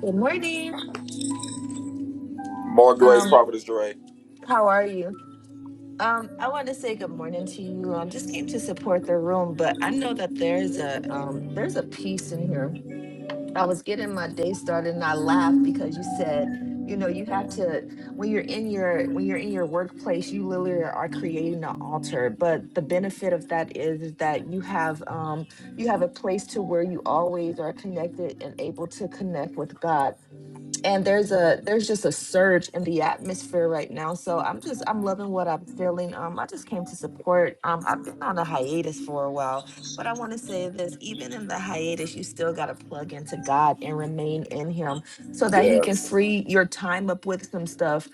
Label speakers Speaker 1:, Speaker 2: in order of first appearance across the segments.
Speaker 1: Good morning. Um, how are you? Um, I want to say good morning to you. Um, just came to support the room, but I know that there's a um there's a piece in here. I was getting my day started and I laughed because you said, you know, you have to when you're in your when you're in your workplace, you literally are creating an altar. But the benefit of that is, is that you have um you have a place to where you always are connected and able to connect with God and there's a there's just a surge in the atmosphere right now so i'm just i'm loving what i'm feeling um i just came to support um i've been on a hiatus for a while but i want to say this even in the hiatus you still got to plug into god and remain in him so that he can free your time up with some stuff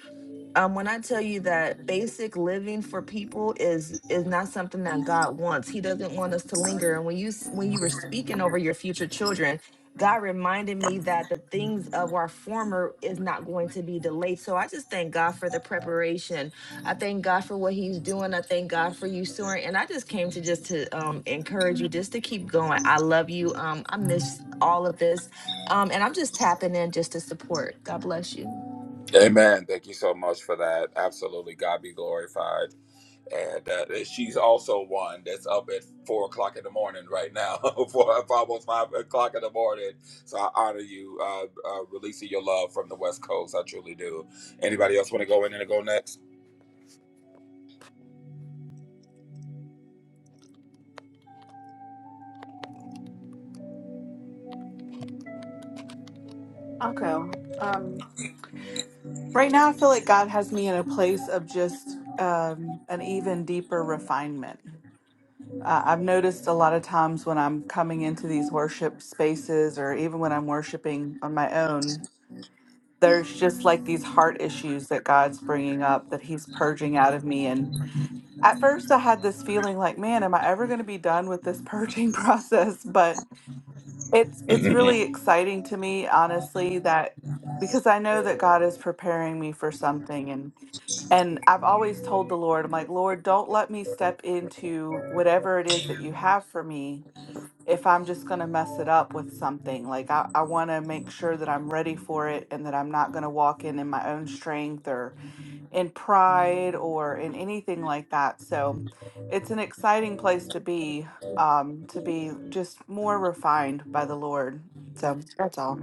Speaker 1: um, when I tell you that basic living for people is is not something that God wants. He doesn't want us to linger. And when you s- when you were speaking over your future children, God reminded me that the things of our former is not going to be delayed. So I just thank God for the preparation. I thank God for what He's doing. I thank God for you, Soren. And I just came to just to um, encourage you, just to keep going. I love you. Um, I miss all of this, um, and I'm just tapping in just to support. God bless you.
Speaker 2: I'll go. Um, right now, I feel like God has me in a place of just um, an even deeper refinement. Uh, I've noticed a lot of times when I'm coming into these worship spaces or even when I'm worshiping on my own, there's just like these heart issues that God's bringing up that He's purging out of me. And at first, I had this feeling like, man, am I ever going to be done with this purging process? But It's it's really exciting to me, honestly, that because I know that God is preparing me for something and and I've always told the Lord, I'm like, Lord, don't let me step into whatever it is that you have for me if I'm just going to mess it up with something. Like, I, I want to make sure that I'm ready for it and that I'm not going to walk in in my own strength or in pride or in anything like that. So it's an exciting place to be, um, to be just more refined by the Lord. So that's all.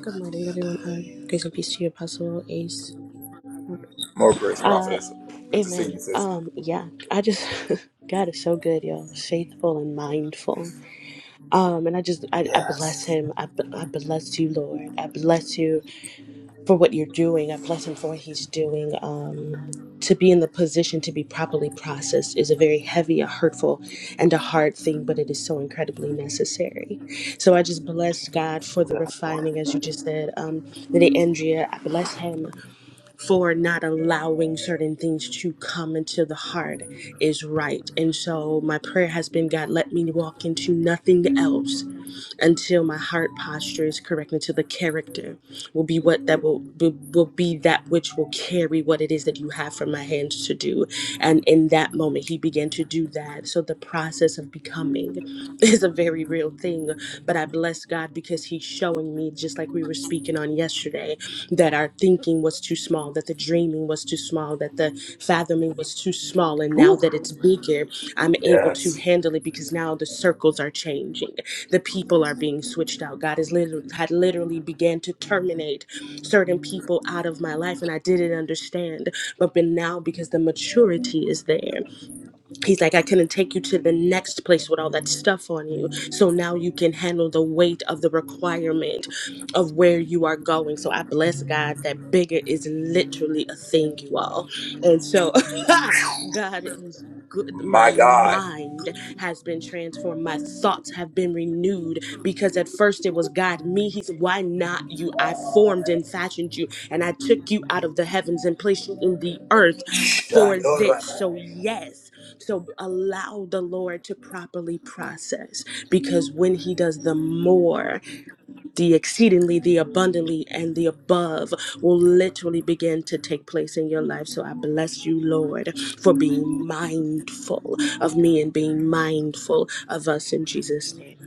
Speaker 3: Good morning, everyone. Uh, grace and peace to you, Apostle Ace. Uh, amen. Um, yeah, I just God is so good, y'all. Faithful and mindful. Um, and I just I, I bless him. I, b- I bless you, Lord. I bless you for what you're doing. I bless him for what he's doing. Um, to be in the position to be properly processed is a very heavy, a hurtful, and a hard thing, but it is so incredibly necessary. So I just bless God for the refining, as you just said. Um, Lady Andrea, I bless him for not allowing certain things to come into the heart is right. And so my prayer has been God, let me walk into nothing else until my heart posture is correct, until the character will be what that will, will will be that which will carry what it is that you have from my hands to do. And in that moment, he began to do that. So the process of becoming is a very real thing. But I bless God because he's showing me, just like we were speaking on yesterday, that our thinking was too small, that the dreaming was too small, that the fathoming was too small. And now that it's bigger, I'm able to handle it because now the circles are changing. The people are being switched out. God has literally had literally began to terminate certain people out of my life, and I didn't understand. But but now because the maturity is there. He's like, I couldn't take you to the next place with all that stuff on you. So now you can handle the weight of the requirement of where you are going. So I bless God that bigger is literally a thing, you all. And so God is good. My mind has been transformed. My thoughts have been renewed because at first it was God, me. He's why not you? I formed and fashioned you, and I took you out of the heavens and placed you in the earth for this. So, yes. So allow the Lord to properly process because when He does the more, the exceedingly, the abundantly, and the above will literally begin to take place in your life. So I bless you, Lord, for being mindful of me and being mindful of us in Jesus' name.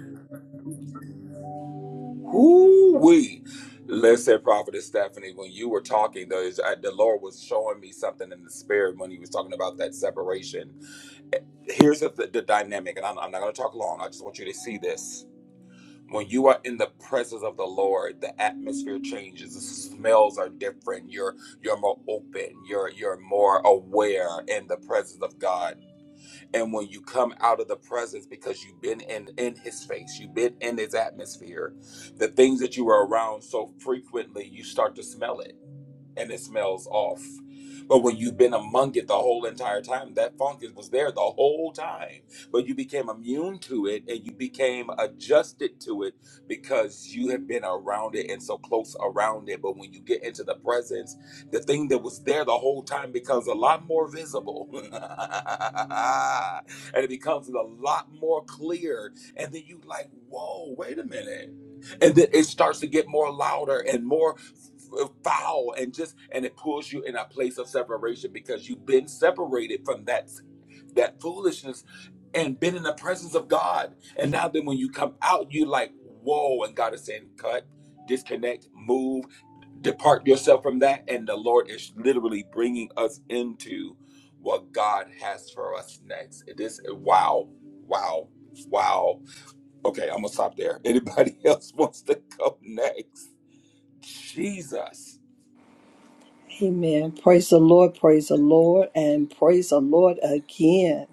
Speaker 4: Amen. Praise the Lord, praise the Lord, and praise the Lord again.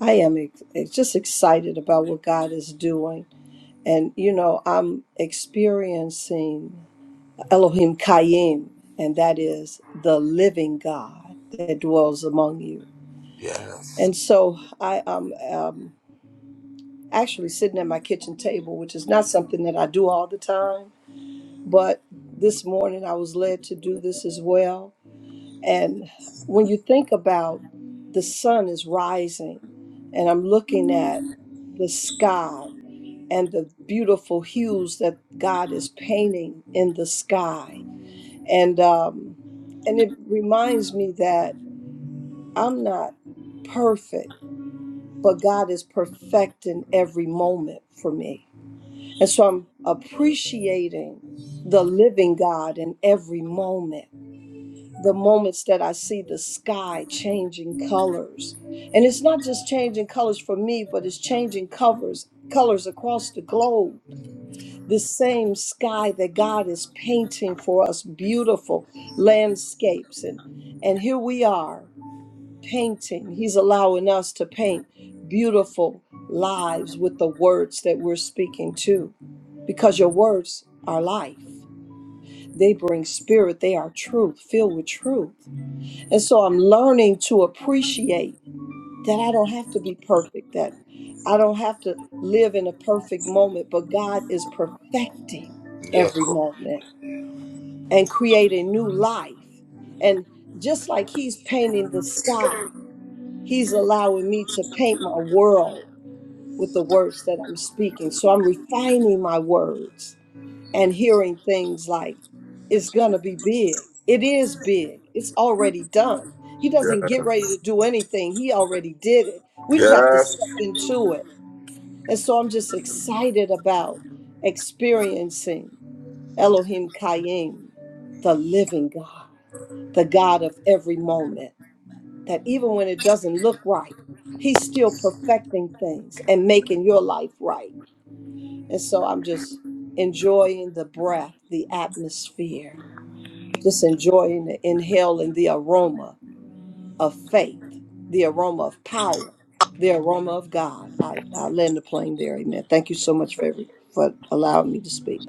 Speaker 4: I am ex- ex- just excited about what God is doing. And, you know, I'm experiencing Elohim Kayim, and that is the living God that dwells among you. And so I am um, actually sitting at my kitchen table, which is not something that I do all the time. But this morning I was led to do this as well And when you think about the sun is rising, and I'm looking at the sky and the beautiful hues that God is painting in the sky, and um, and it reminds me that I'm not perfect, but God is perfecting every moment for me, and so I'm appreciating the living God in every moment the moments that I see the sky changing colors. And it's not just changing colors for me, but it's changing covers, colors across the globe. This same sky that God is painting for us, beautiful landscapes. And, and here we are painting. He's allowing us to paint beautiful lives with the words that we're speaking to, because your words are life. They bring spirit, they are truth, filled with truth. And so I'm learning to appreciate that I don't have to be perfect, that I don't have to live in a perfect moment, but God is perfecting every moment and creating new life. And just like He's painting the sky, He's allowing me to paint my world with the words that I'm speaking. So I'm refining my words and hearing things like it's going to be big. It is big. It's already done. He doesn't get ready to do anything. He already did it. We just have to step into it. And so I'm just excited about experiencing Elohim Kaim, the living God, the God of every moment, that even when it doesn't look right, He's still perfecting things and making your life right. And so I'm just enjoying the breath, the atmosphere, just enjoying the inhaling the aroma of faith, the aroma of power, the aroma of God. I, I land the plane there. Amen. Thank you so much for, every, for allowing me to speak.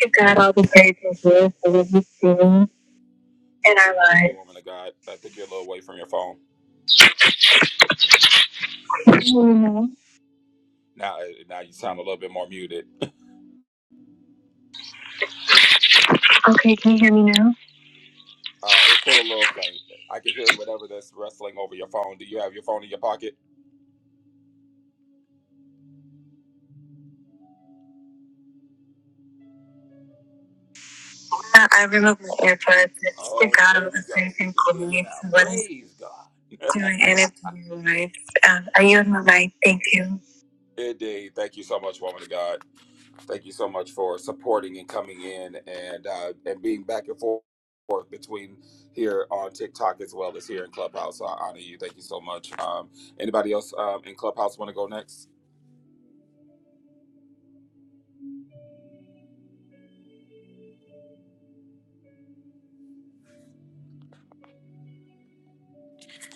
Speaker 5: Give God all the praise and glory for what he's doing in our lives. Mhm. Okay, can you hear me now? I, I removed my AirPods. Let's give God all the praise and glory for what he's doing in our lives. Um, are you on my mic? Thank you.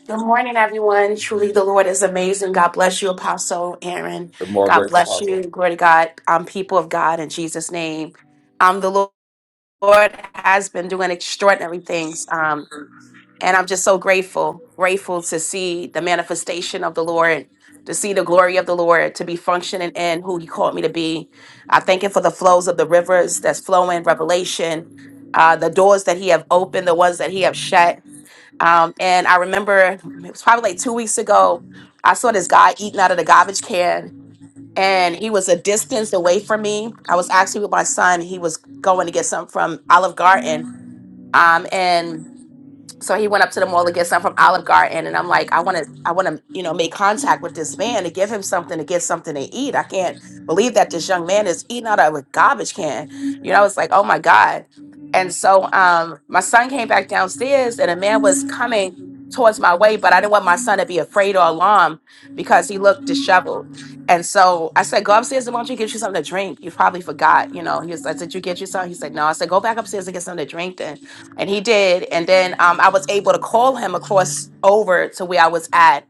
Speaker 6: Good morning, everyone. Truly, the Lord is amazing. God bless you, Apostle Aaron. God bless you. Glory to God. Um, people of God, in Jesus' name. Um, the Lord has been doing extraordinary things. Um, and I'm just so grateful, grateful to see the manifestation of the Lord, to see the glory of the Lord, to be functioning in who He called me to be. I thank Him for the flows of the rivers that's flowing, revelation, uh, the doors that He have opened, the ones that He have shut. Um, and I remember it was probably like two weeks ago, I saw this guy eating out of the garbage can, and he was a distance away from me. I was actually with my son. He was going to get something from Olive Garden. Um, and so he went up to the mall to get some from Olive Garden, and I'm like, I want to, I want to, you know, make contact with this man to give him something to get something to eat. I can't believe that this young man is eating out of a garbage can. You know, it's like, oh my god. And so, um, my son came back downstairs, and a man was coming towards my way, but I didn't want my son to be afraid or alarmed because he looked disheveled. And so I said, go upstairs and why don't you get you something to drink? You probably forgot, you know. He was, I said, you get you something. He said, no. I said, go back upstairs and get something to drink then and he did and then um, i was able to call him across over to where i was at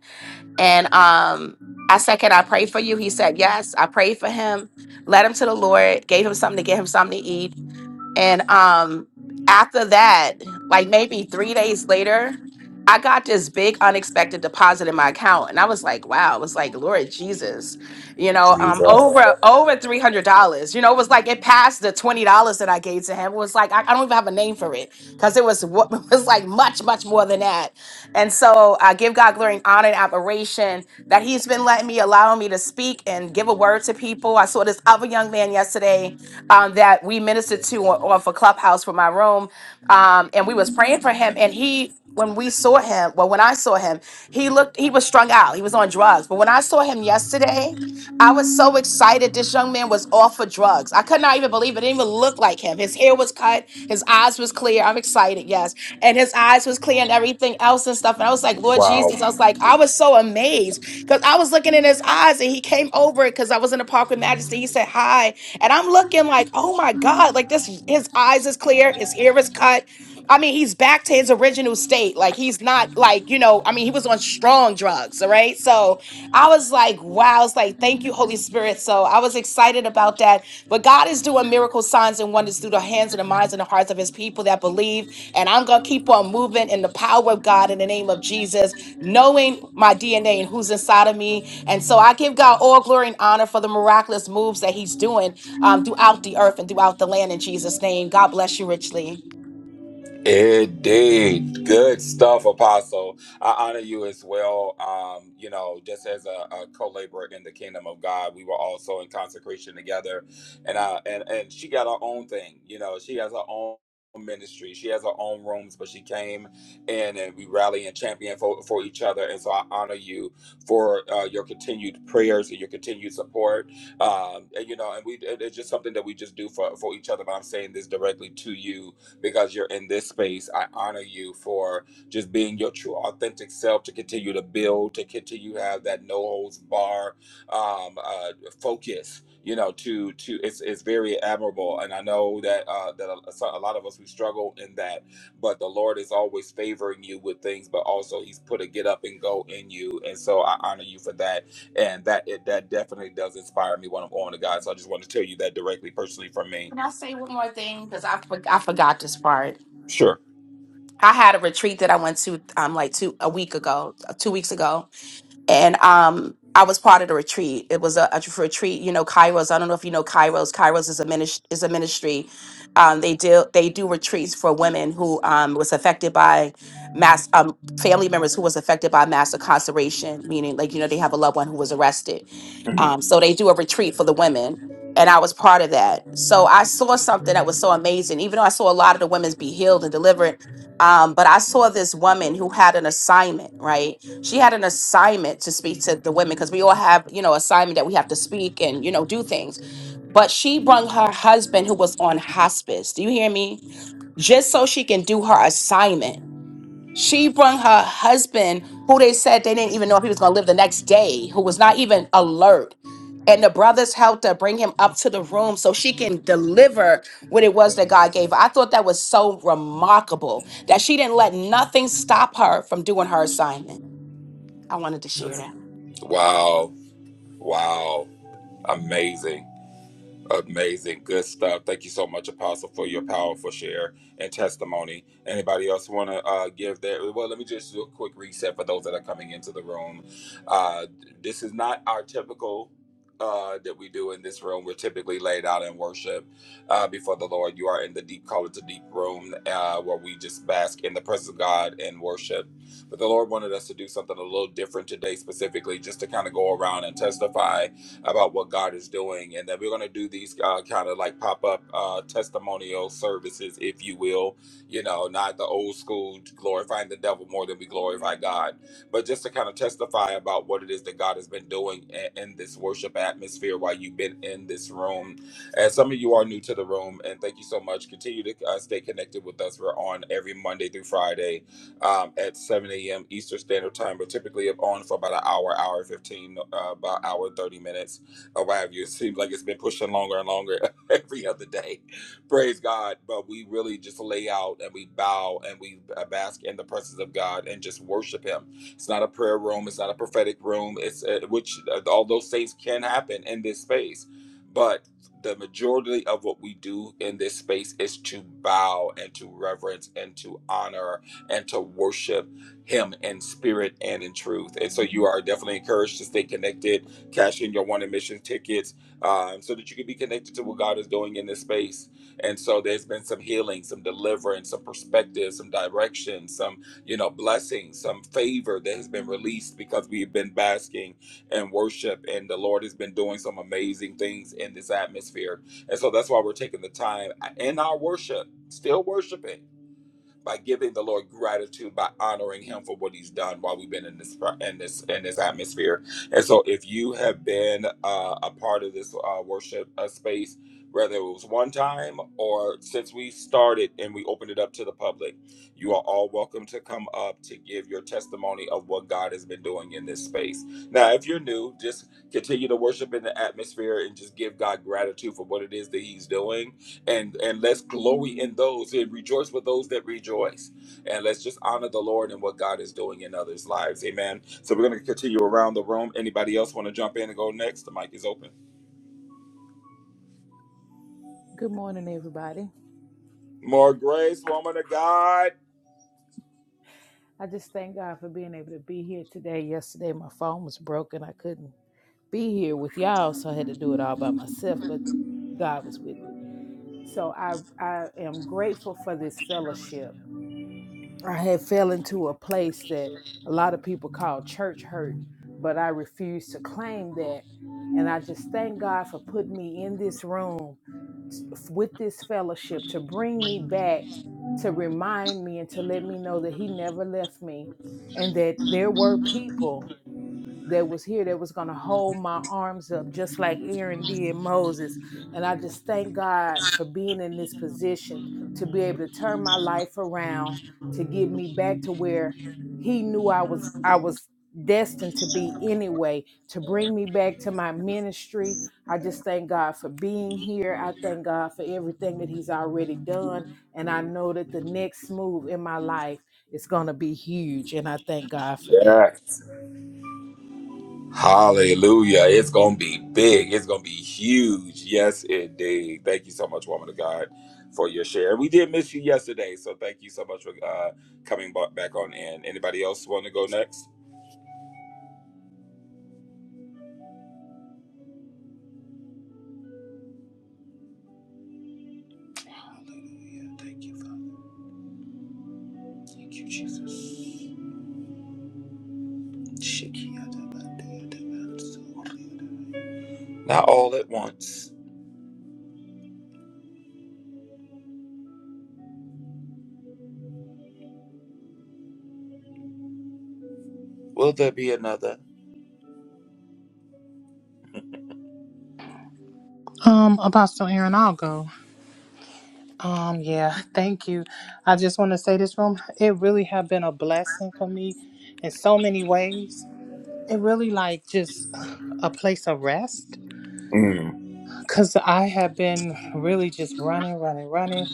Speaker 6: and um, i said can i pray for you he said yes i prayed for him led him to the lord gave him something to get him something to eat and um, after that, like maybe three days later, I got this big unexpected deposit in my account, and I was like, "Wow!" It was like, "Lord Jesus," you know, um, over over three hundred dollars. You know, it was like it passed the twenty dollars that I gave to him. It was like I, I don't even have a name for it because it was what it was like much much more than that. And so I give God glory and honor and admiration that he's been letting me allowing me to speak and give a word to people. I saw this other young man yesterday um, that we ministered to on, off a clubhouse from my room, um, and we was praying for him, and he. When we saw him, well, when I saw him, he looked, he was strung out. He was on drugs. But when I saw him yesterday, I was so excited. This young man was off for drugs. I could not even believe it. It didn't even look like him. His hair was cut. His eyes was clear. I'm excited. Yes. And his eyes was clear and everything else and stuff. And I was like, Lord Jesus, I was like, I was was so amazed because I was looking in his eyes and he came over because I was in the park with Majesty. He said hi. And I'm looking like, oh my God, like this, his eyes is clear, his hair is cut. I mean, he's back to his original state. Like he's not like, you know, I mean, he was on strong drugs, all right? So I was like, wow, it's like, thank you, Holy Spirit. So I was excited about that. But God is doing miracle signs and wonders through the hands and the minds and the hearts of his people that believe. And I'm gonna keep on moving in the power of God in the name of Jesus knowing my DNA and who's inside of me. And so I give God all glory and honor for the miraculous moves that He's doing um, throughout the earth and throughout the land in Jesus' name. God bless you richly. Can I say one more thing? Because I, for- I forgot this part. I had a retreat that I went to um like two a week ago, uh, two weeks ago, and um I was part of the retreat. It was a, a retreat, you know, Kairos. I don't know if you know Kairos. Kairos is a ministry. Is a ministry. Um, they do they do retreats for women who um, was affected by mass um, family members who was affected by mass incarceration, meaning like you know they have a loved one who was arrested. Um, so they do a retreat for the women, and I was part of that. So I saw something that was so amazing. Even though I saw a lot of the women be healed and delivered, um, but I saw this woman who had an assignment, right? she had an assignment to speak to the women because we all have you know assignment that we have to speak and you know do things but she brung her husband who was on hospice do you hear me just so she can do her assignment she brung her husband who they said they didn't even know if he was going to live the next day who was not even alert and the brothers helped her bring him up to the room so she can deliver what it was that God gave her. I thought that was so remarkable that she didn't let nothing stop her from doing her assignment. I wanted to share that.
Speaker 7: Good morning, everybody. I just thank God for being able to be here today. Yesterday, my phone was broken. I couldn't be here with y'all, so I had to do it all by myself, but God was with me. So I, I am grateful for this fellowship I had fell into a place that a lot of people call church hurt, but I refuse to claim that. And I just thank God for putting me in this room f- with this fellowship to bring me back, to remind me and to let me know that He never left me and that there were people that was here that was going to hold my arms up just like Aaron did Moses. And I just thank God for being in this position to be able to turn my life around to get me back to where he knew I was I was destined to be anyway to bring me back to my ministry. I just thank God for being here. I thank God for everything that he's already done and I know that the next move in my life is going to be huge and I thank God for that.
Speaker 8: Um, Apostle Aaron, I'll go. Um, yeah, thank you. I just want to say this room, it really have been a blessing for me in so many ways. It really like just a place of rest because I have been really just running, running, running.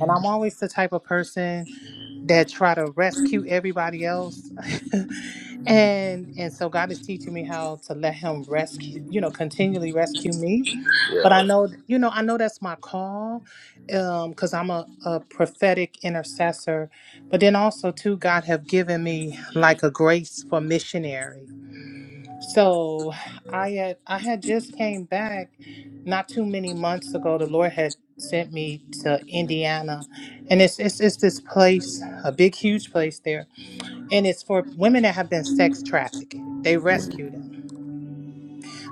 Speaker 8: And I'm always the type of person that try to rescue everybody else. and and so God is teaching me how to let him rescue, you know, continually rescue me but I know, you know, I know that's my call um, because I'm a, a prophetic intercessor. But then also, too, God have given me like a grace for missionary. So I had I had just came back not too many months ago. The Lord had sent me to Indiana, and it's it's, it's this place, a big, huge place there, and it's for women that have been sex trafficked. They rescue them.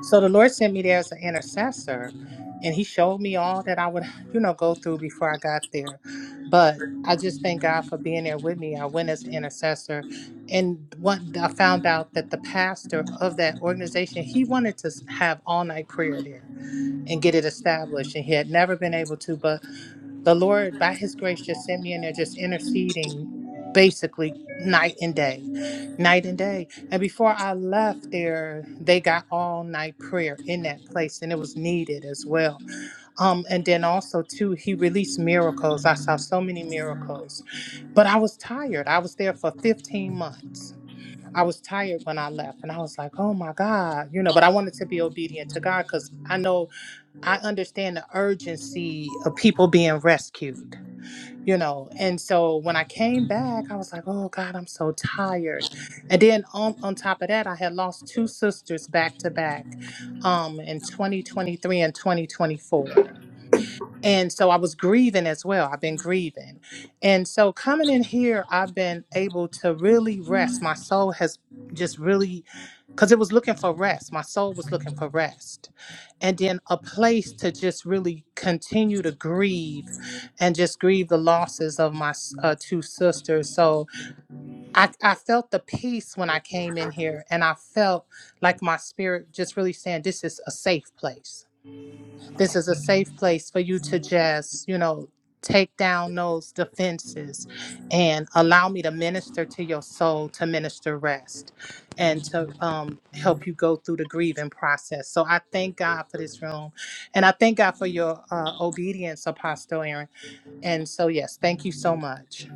Speaker 8: So the Lord sent me there as an intercessor, and He showed me all that I would, you know, go through before I got there. But I just thank God for being there with me. I went as an intercessor, and one I found out that the pastor of that organization he wanted to s- have all night prayer there and get it established, and he had never been able to. But the Lord, by His grace, just sent me in there, just interceding basically night and day, night and day. And before I left there, they got all night prayer in that place, and it was needed as well. Um, and then also too, He released miracles. I saw so many miracles, but I was tired. I was there for 15 months. I was tired when I left, and I was like, "Oh my God," you know. But I wanted to be obedient to God because I know I understand the urgency of people being rescued you know. And so when I came back, I was like, oh God, I'm so tired. And then on, on top of that, I had lost two sisters back to back um, in 2023 and 2024. And so I was grieving as well. I've been grieving. And so coming in here, I've been able to really rest. My soul has just really, because it was looking for rest. My soul was looking for rest. And then a place to just really continue to grieve and just grieve the losses of my s- uh, two sisters. So I, I felt the peace when I came in here. And I felt like my spirit just really saying, this is a safe place this is a safe place for you to just, you know, take down those defenses and allow me to minister to your soul, to minister rest, and to um, help you go through the grieving process. So I thank God for this room. And I thank God for your uh, obedience, Apostle Aaron. And so, yes, thank you so much.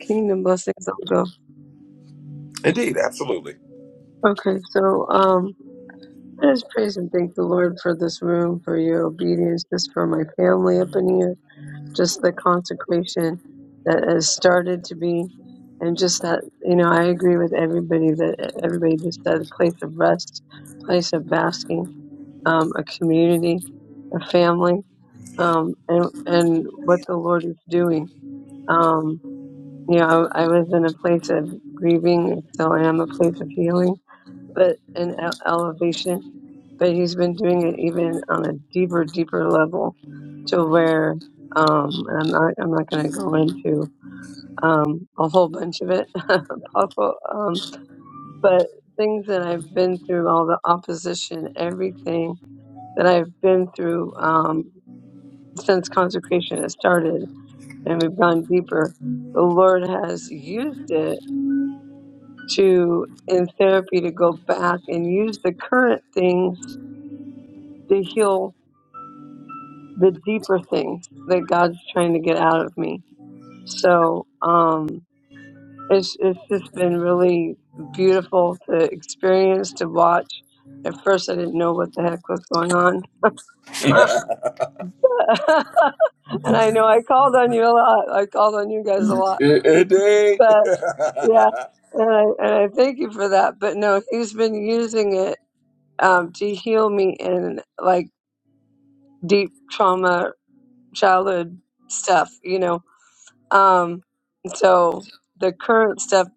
Speaker 9: Kingdom blessings, I'll go. Okay, so um, I just praise and thank the Lord for this room, for your obedience, just for my family up in here, just the consecration that has started to be, and just that you know I agree with everybody that everybody just said a place of rest, place of basking, um, a community, a family, um, and and what the Lord is doing. Um, you know, I, I was in a place of grieving, so I am a place of healing but an e- elevation, but he's been doing it even on a deeper, deeper level to where um and I'm not I'm not gonna go into um a whole bunch of it Papa, um but things that I've been through, all the opposition, everything that I've been through um since consecration has started and we've gone deeper, the Lord has used it to in therapy to go back and use the current things to heal the deeper things that God's trying to get out of me. So um, it's it's just been really beautiful to experience to watch. At first, I didn't know what the heck was going on, and I know I called on you a lot. I called on you guys a lot, but yeah, and I and I thank you for that. But no, He's been using it um, to heal me in like deep trauma, childhood stuff, you know Um, so the current stuff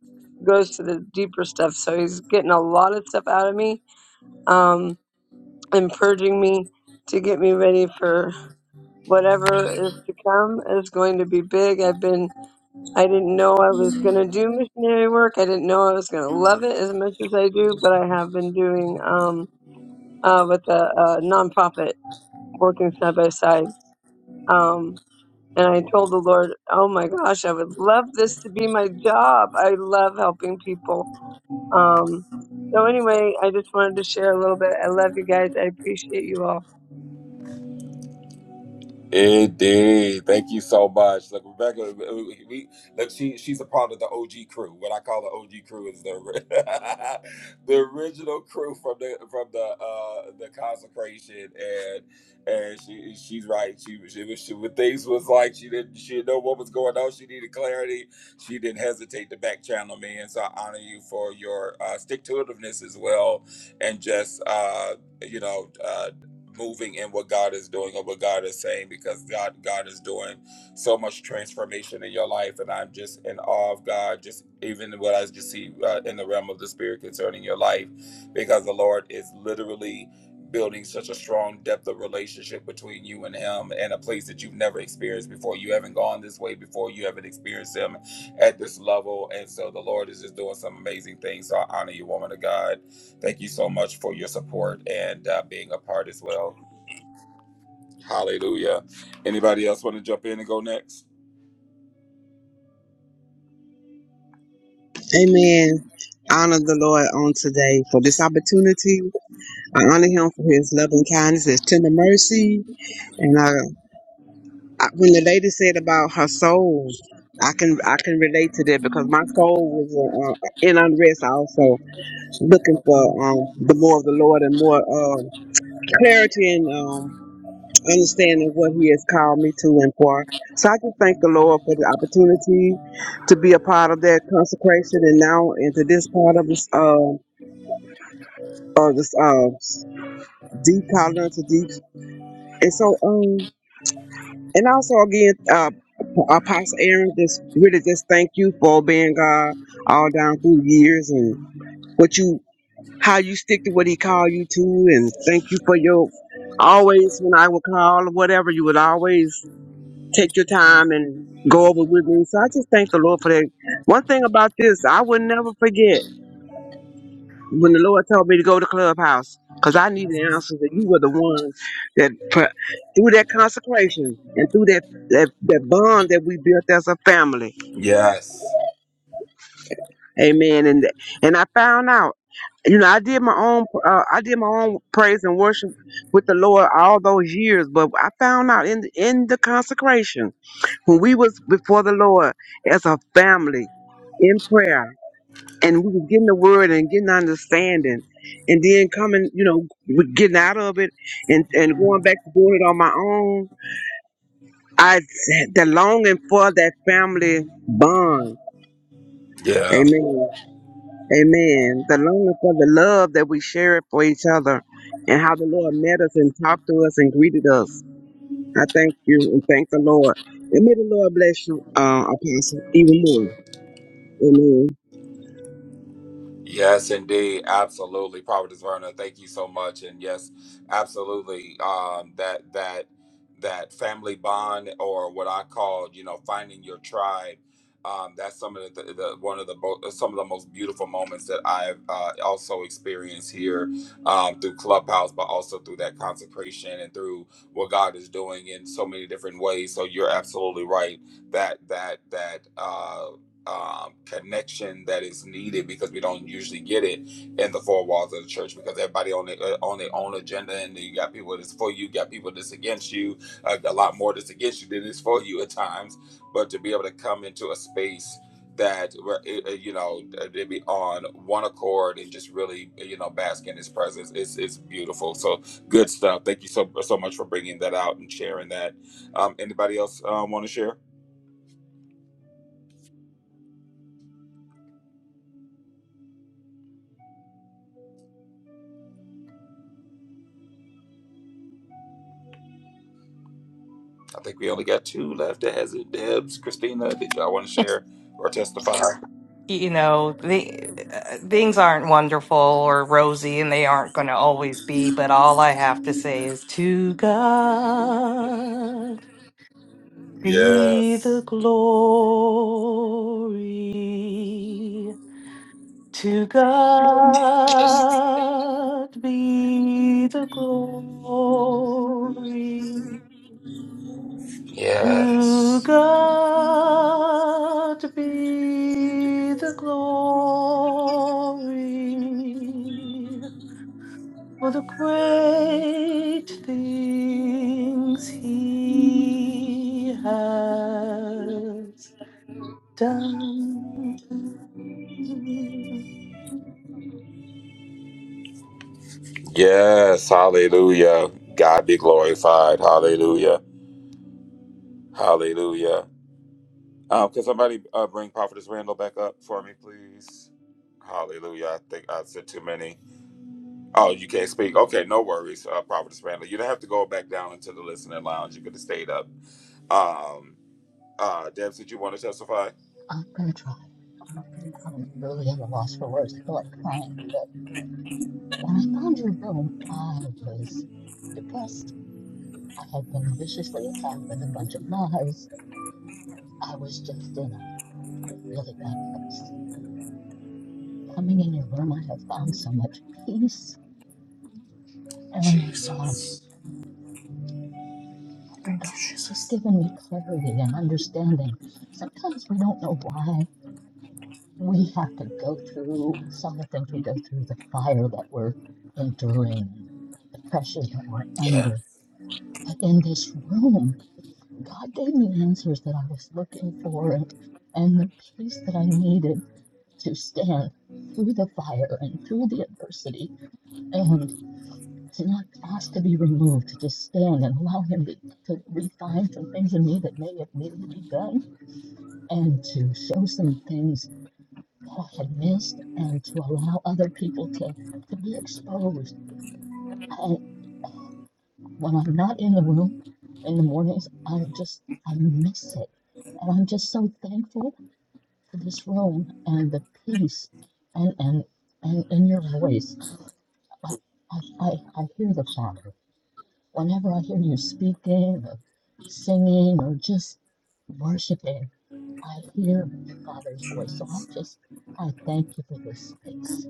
Speaker 9: goes to the deeper stuff. So he's getting a lot of stuff out of me, um, and purging me to get me ready for whatever is to come is going to be big. I've been, I didn't know I was going to do missionary work. I didn't know I was going to love it as much as I do, but I have been doing, um, uh, with a, a nonprofit working side by side. Um. And I told the Lord, oh my gosh, I would love this to be my job. I love helping people. Um, so anyway, I just wanted to share a little bit. I love you guys. I appreciate you all.
Speaker 10: Amen. Honor the Lord on today for this opportunity. I honor him for his loving kindness, his tender mercy. And I, I, when the lady said about her soul, I can I can relate to that because my soul was uh, uh, in unrest also, looking for um, the more of the Lord and more um clarity and um, understanding what He has called me to and for. So I just thank the Lord for the opportunity to be a part of that consecration and now into this part of this. uh, or this um deep collar to deep and so um and also again uh apostle aaron just really just thank you for being god all down through years and what you how you stick to what he called you to and thank you for your always when i would call or whatever you would always take your time and go over with me so i just thank the lord for that one thing about this i will never forget when the Lord told me to go to Clubhouse, because I needed answers, and you were the ones that put, through that consecration and through that, that that bond that we built as a family, Amen. And and I found out, you know, I did my own, uh, I did my own praise and worship with the Lord all those years, but I found out in in the consecration when we was before the Lord as a family in prayer and we was getting the word and getting understanding and then coming you know with getting out of it and and going back to doing it on my own i the longing for that family bond amen amen the longing for the love that we share for each other and how the lord met us and talked to us and greeted us i thank you and thank the lord and may the lord bless you uh apostle even more Amen.
Speaker 11: you know the uh, things aren't wonderful or rosy and they aren't going to always be but all i have to say is to god be the glory to god be the glory To God be the glory for the great things He has done.
Speaker 12: I'm gonna try. I'm really at a loss for words. I feel like crying. But when I found your room, I was depressed. I had been viciously attacked with a bunch of lies. I was just in a, a really bad place. Coming in your room, I have found so much peace. And um, God has just given me clarity and understanding. Sometimes we don't know why. we have to go through some of the things we go through, the fire that we're enduring, the pressures that we're under. But in this room, God gave me answers that I was looking for and, and the peace that I needed to stand through the fire and through the adversity and to not ask to be removed, to just stand and allow Him to, to refine some things in me that may have needed to be done and to show some things that I had missed and to allow other people to, to be exposed. I, when I'm not in the room in the mornings, I just, I miss it. And I'm just so thankful for this room and the peace and, and, and, and your voice. I, I, I, I hear the Father. Whenever I hear you speaking or singing or just worshiping, I hear the Father's voice. So I just, I thank you for this space.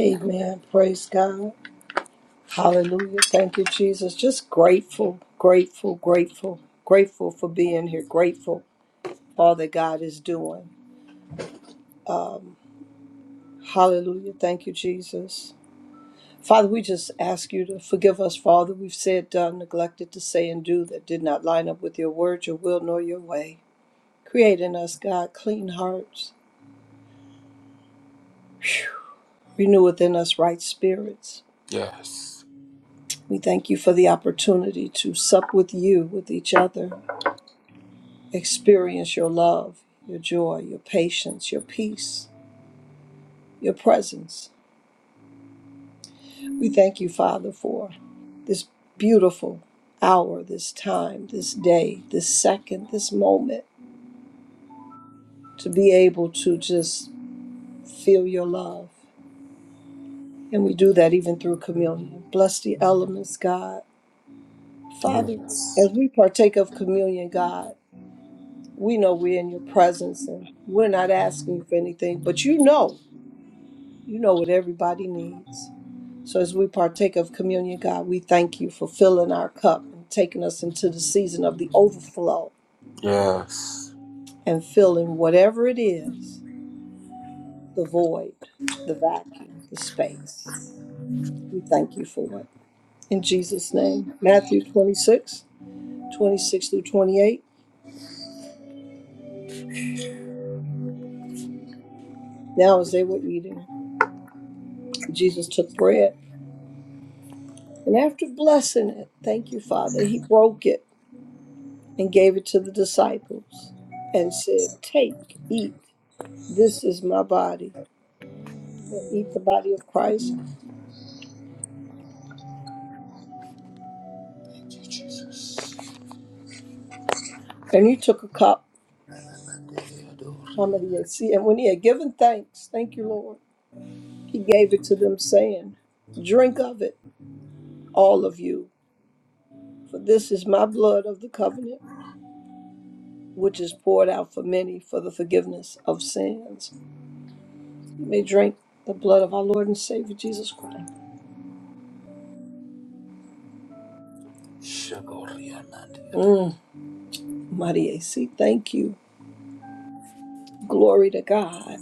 Speaker 4: Amen. Praise God. Hallelujah. Thank you, Jesus. Just grateful, grateful, grateful, grateful for being here, grateful for all that God is doing. Hallelujah. Thank you, Jesus. Father, we just ask you to forgive us for all that we've said, done, neglected to say, and do that did not line up with your word, your will, nor your way. Create in us, God, clean hearts. Whew. Renew within us right spirits. We thank you for the opportunity to sup with you, with each other, experience your love, your joy, your patience, your peace, your presence. We thank you, Father, for this beautiful hour, this time, this day, this second, this moment. to be able to just feel your love. And we do that even through communion. Bless the elements, God. Father, as we partake of communion, God, we know we're in your presence and we're not asking you for anything, but you know, you know what everybody needs. So as we partake of communion, God, we thank you for filling our cup and taking us into the season of the overflow and filling whatever it is the void, the vacuum, the space. We thank you for it. in Jesus' name. Matthew 26, 26 through 28. Now, as they were eating, Jesus took bread, and after blessing it, thank you, Father, he broke it and gave it to the disciples and said, Take, eat, this is my body. And eat the body of Christ. And he took a cup. How see? And when he had given thanks, thank you, Lord, he gave it to them, saying, Drink of it, all of you, for this is my blood of the covenant which is poured out for many for the forgiveness of sins. You may drink the blood of our Lord and Savior Jesus Christ. Mm, mighty AC, thank you. Glory to God.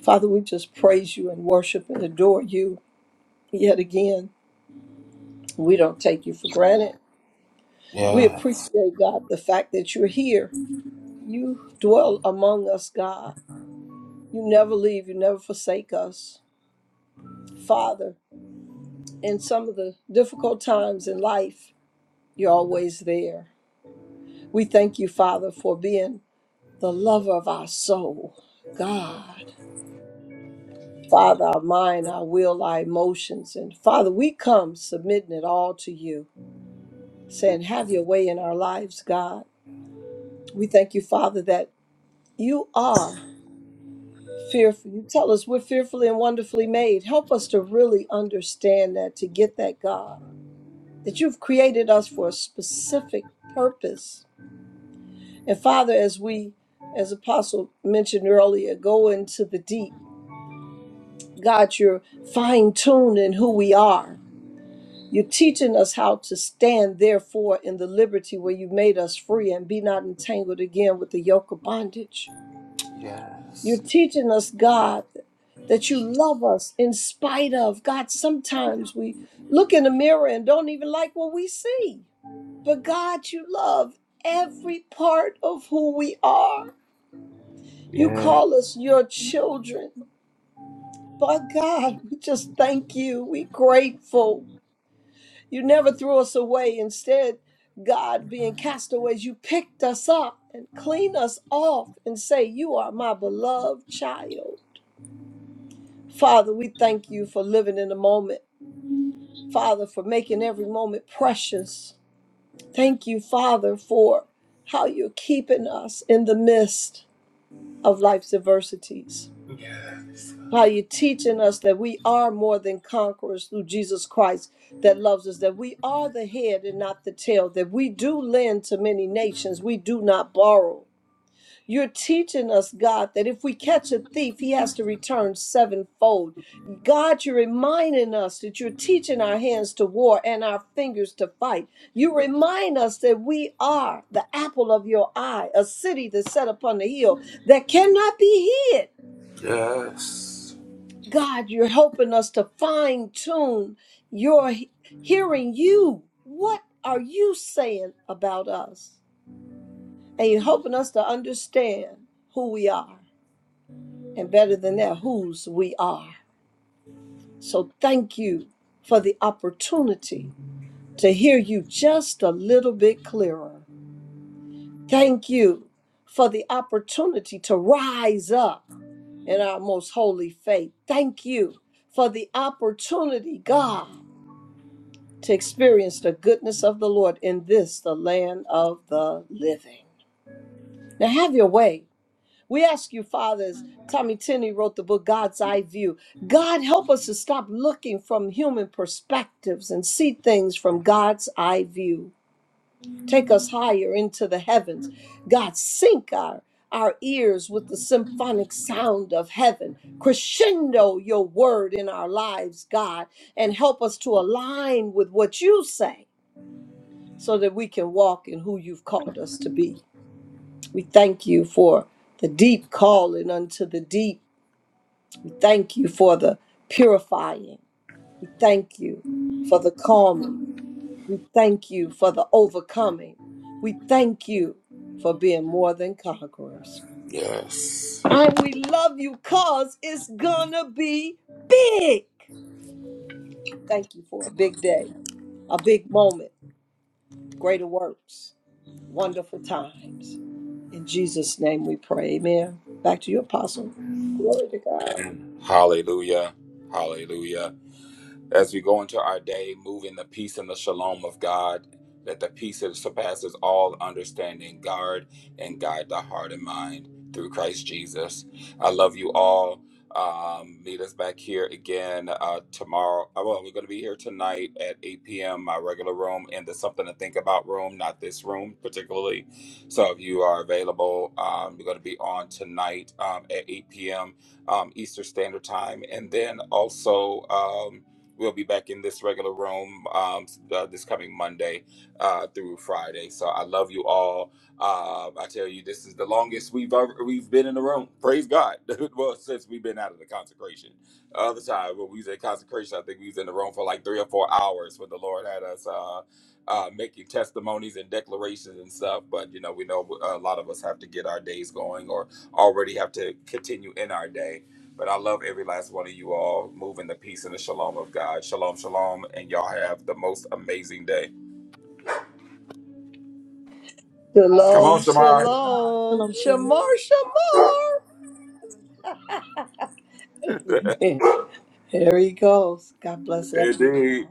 Speaker 4: Father, we just praise you and worship and adore you yet again. We don't take you for granted. We appreciate, God, the fact that you're here. You dwell among us, God. You never leave, you never forsake us. Father, in some of the difficult times in life, you're always there. We thank you, Father, for being the lover of our soul, God. Father, our mind, our will, our emotions. And Father, we come submitting it all to you, saying, Have your way in our lives, God. We thank you, Father, that you are fearful. You tell us we're fearfully and wonderfully made. Help us to really understand that, to get that, God, that you've created us for a specific purpose. And Father, as we, as Apostle mentioned earlier, go into the deep God, you're fine tuning who we are. You're teaching us how to stand, therefore, in the liberty where you made us free and be not entangled again with the yoke of bondage. You're teaching us, God, that you love us in spite of. God, sometimes we look in the mirror and don't even like what we see. But God, you love every part of who we are. You call us your children. But God, we just thank you. we grateful. You never threw us away. Instead, God, being castaways, you picked us up and cleaned us off and say, You are my beloved child. Father, we thank you for living in the moment. Father, for making every moment precious. Thank you, Father, for how you're keeping us in the midst of life's adversities. how you're teaching us that we are more than conquerors through Jesus Christ that loves us, that we are the head and not the tail, that we do lend to many nations, we do not borrow. You're teaching us, God, that if we catch a thief, he has to return sevenfold. God, you're reminding us that you're teaching our hands to war and our fingers to fight. You remind us that we are the apple of your eye, a city that's set upon the hill that cannot be hid. God, you're helping us to fine tune your he- hearing you. What are you saying about us? And you're helping us to understand who we are, and better than that, whose we are. So thank you for the opportunity to hear you just a little bit clearer. Thank you for the opportunity to rise up in our most holy faith. Thank you for the opportunity, God to experience the goodness of the Lord in this, the land of the living. Now, have your way. We ask you, fathers. Tommy Tinney wrote the book God's Eye View. God, help us to stop looking from human perspectives and see things from God's eye view. Take us higher into the heavens. God, sink our, our ears with the symphonic sound of heaven. Crescendo your word in our lives, God, and help us to align with what you say so that we can walk in who you've called us to be. We thank you for the deep calling unto the deep. We thank you for the purifying. We thank you for the calming. We thank you for the overcoming. We thank you for being more than conquerors. And we love you because it's going to be big. Thank you for a big day, a big moment greater works, wonderful times. In Jesus' name we pray. Amen. Back to you, Apostle. Glory to God. Shalom,
Speaker 12: Shalom, shalom.
Speaker 4: shalom,
Speaker 3: Shalom, shalom.
Speaker 4: shamar, shamar. Amen. There he goes. God bless. Love you all.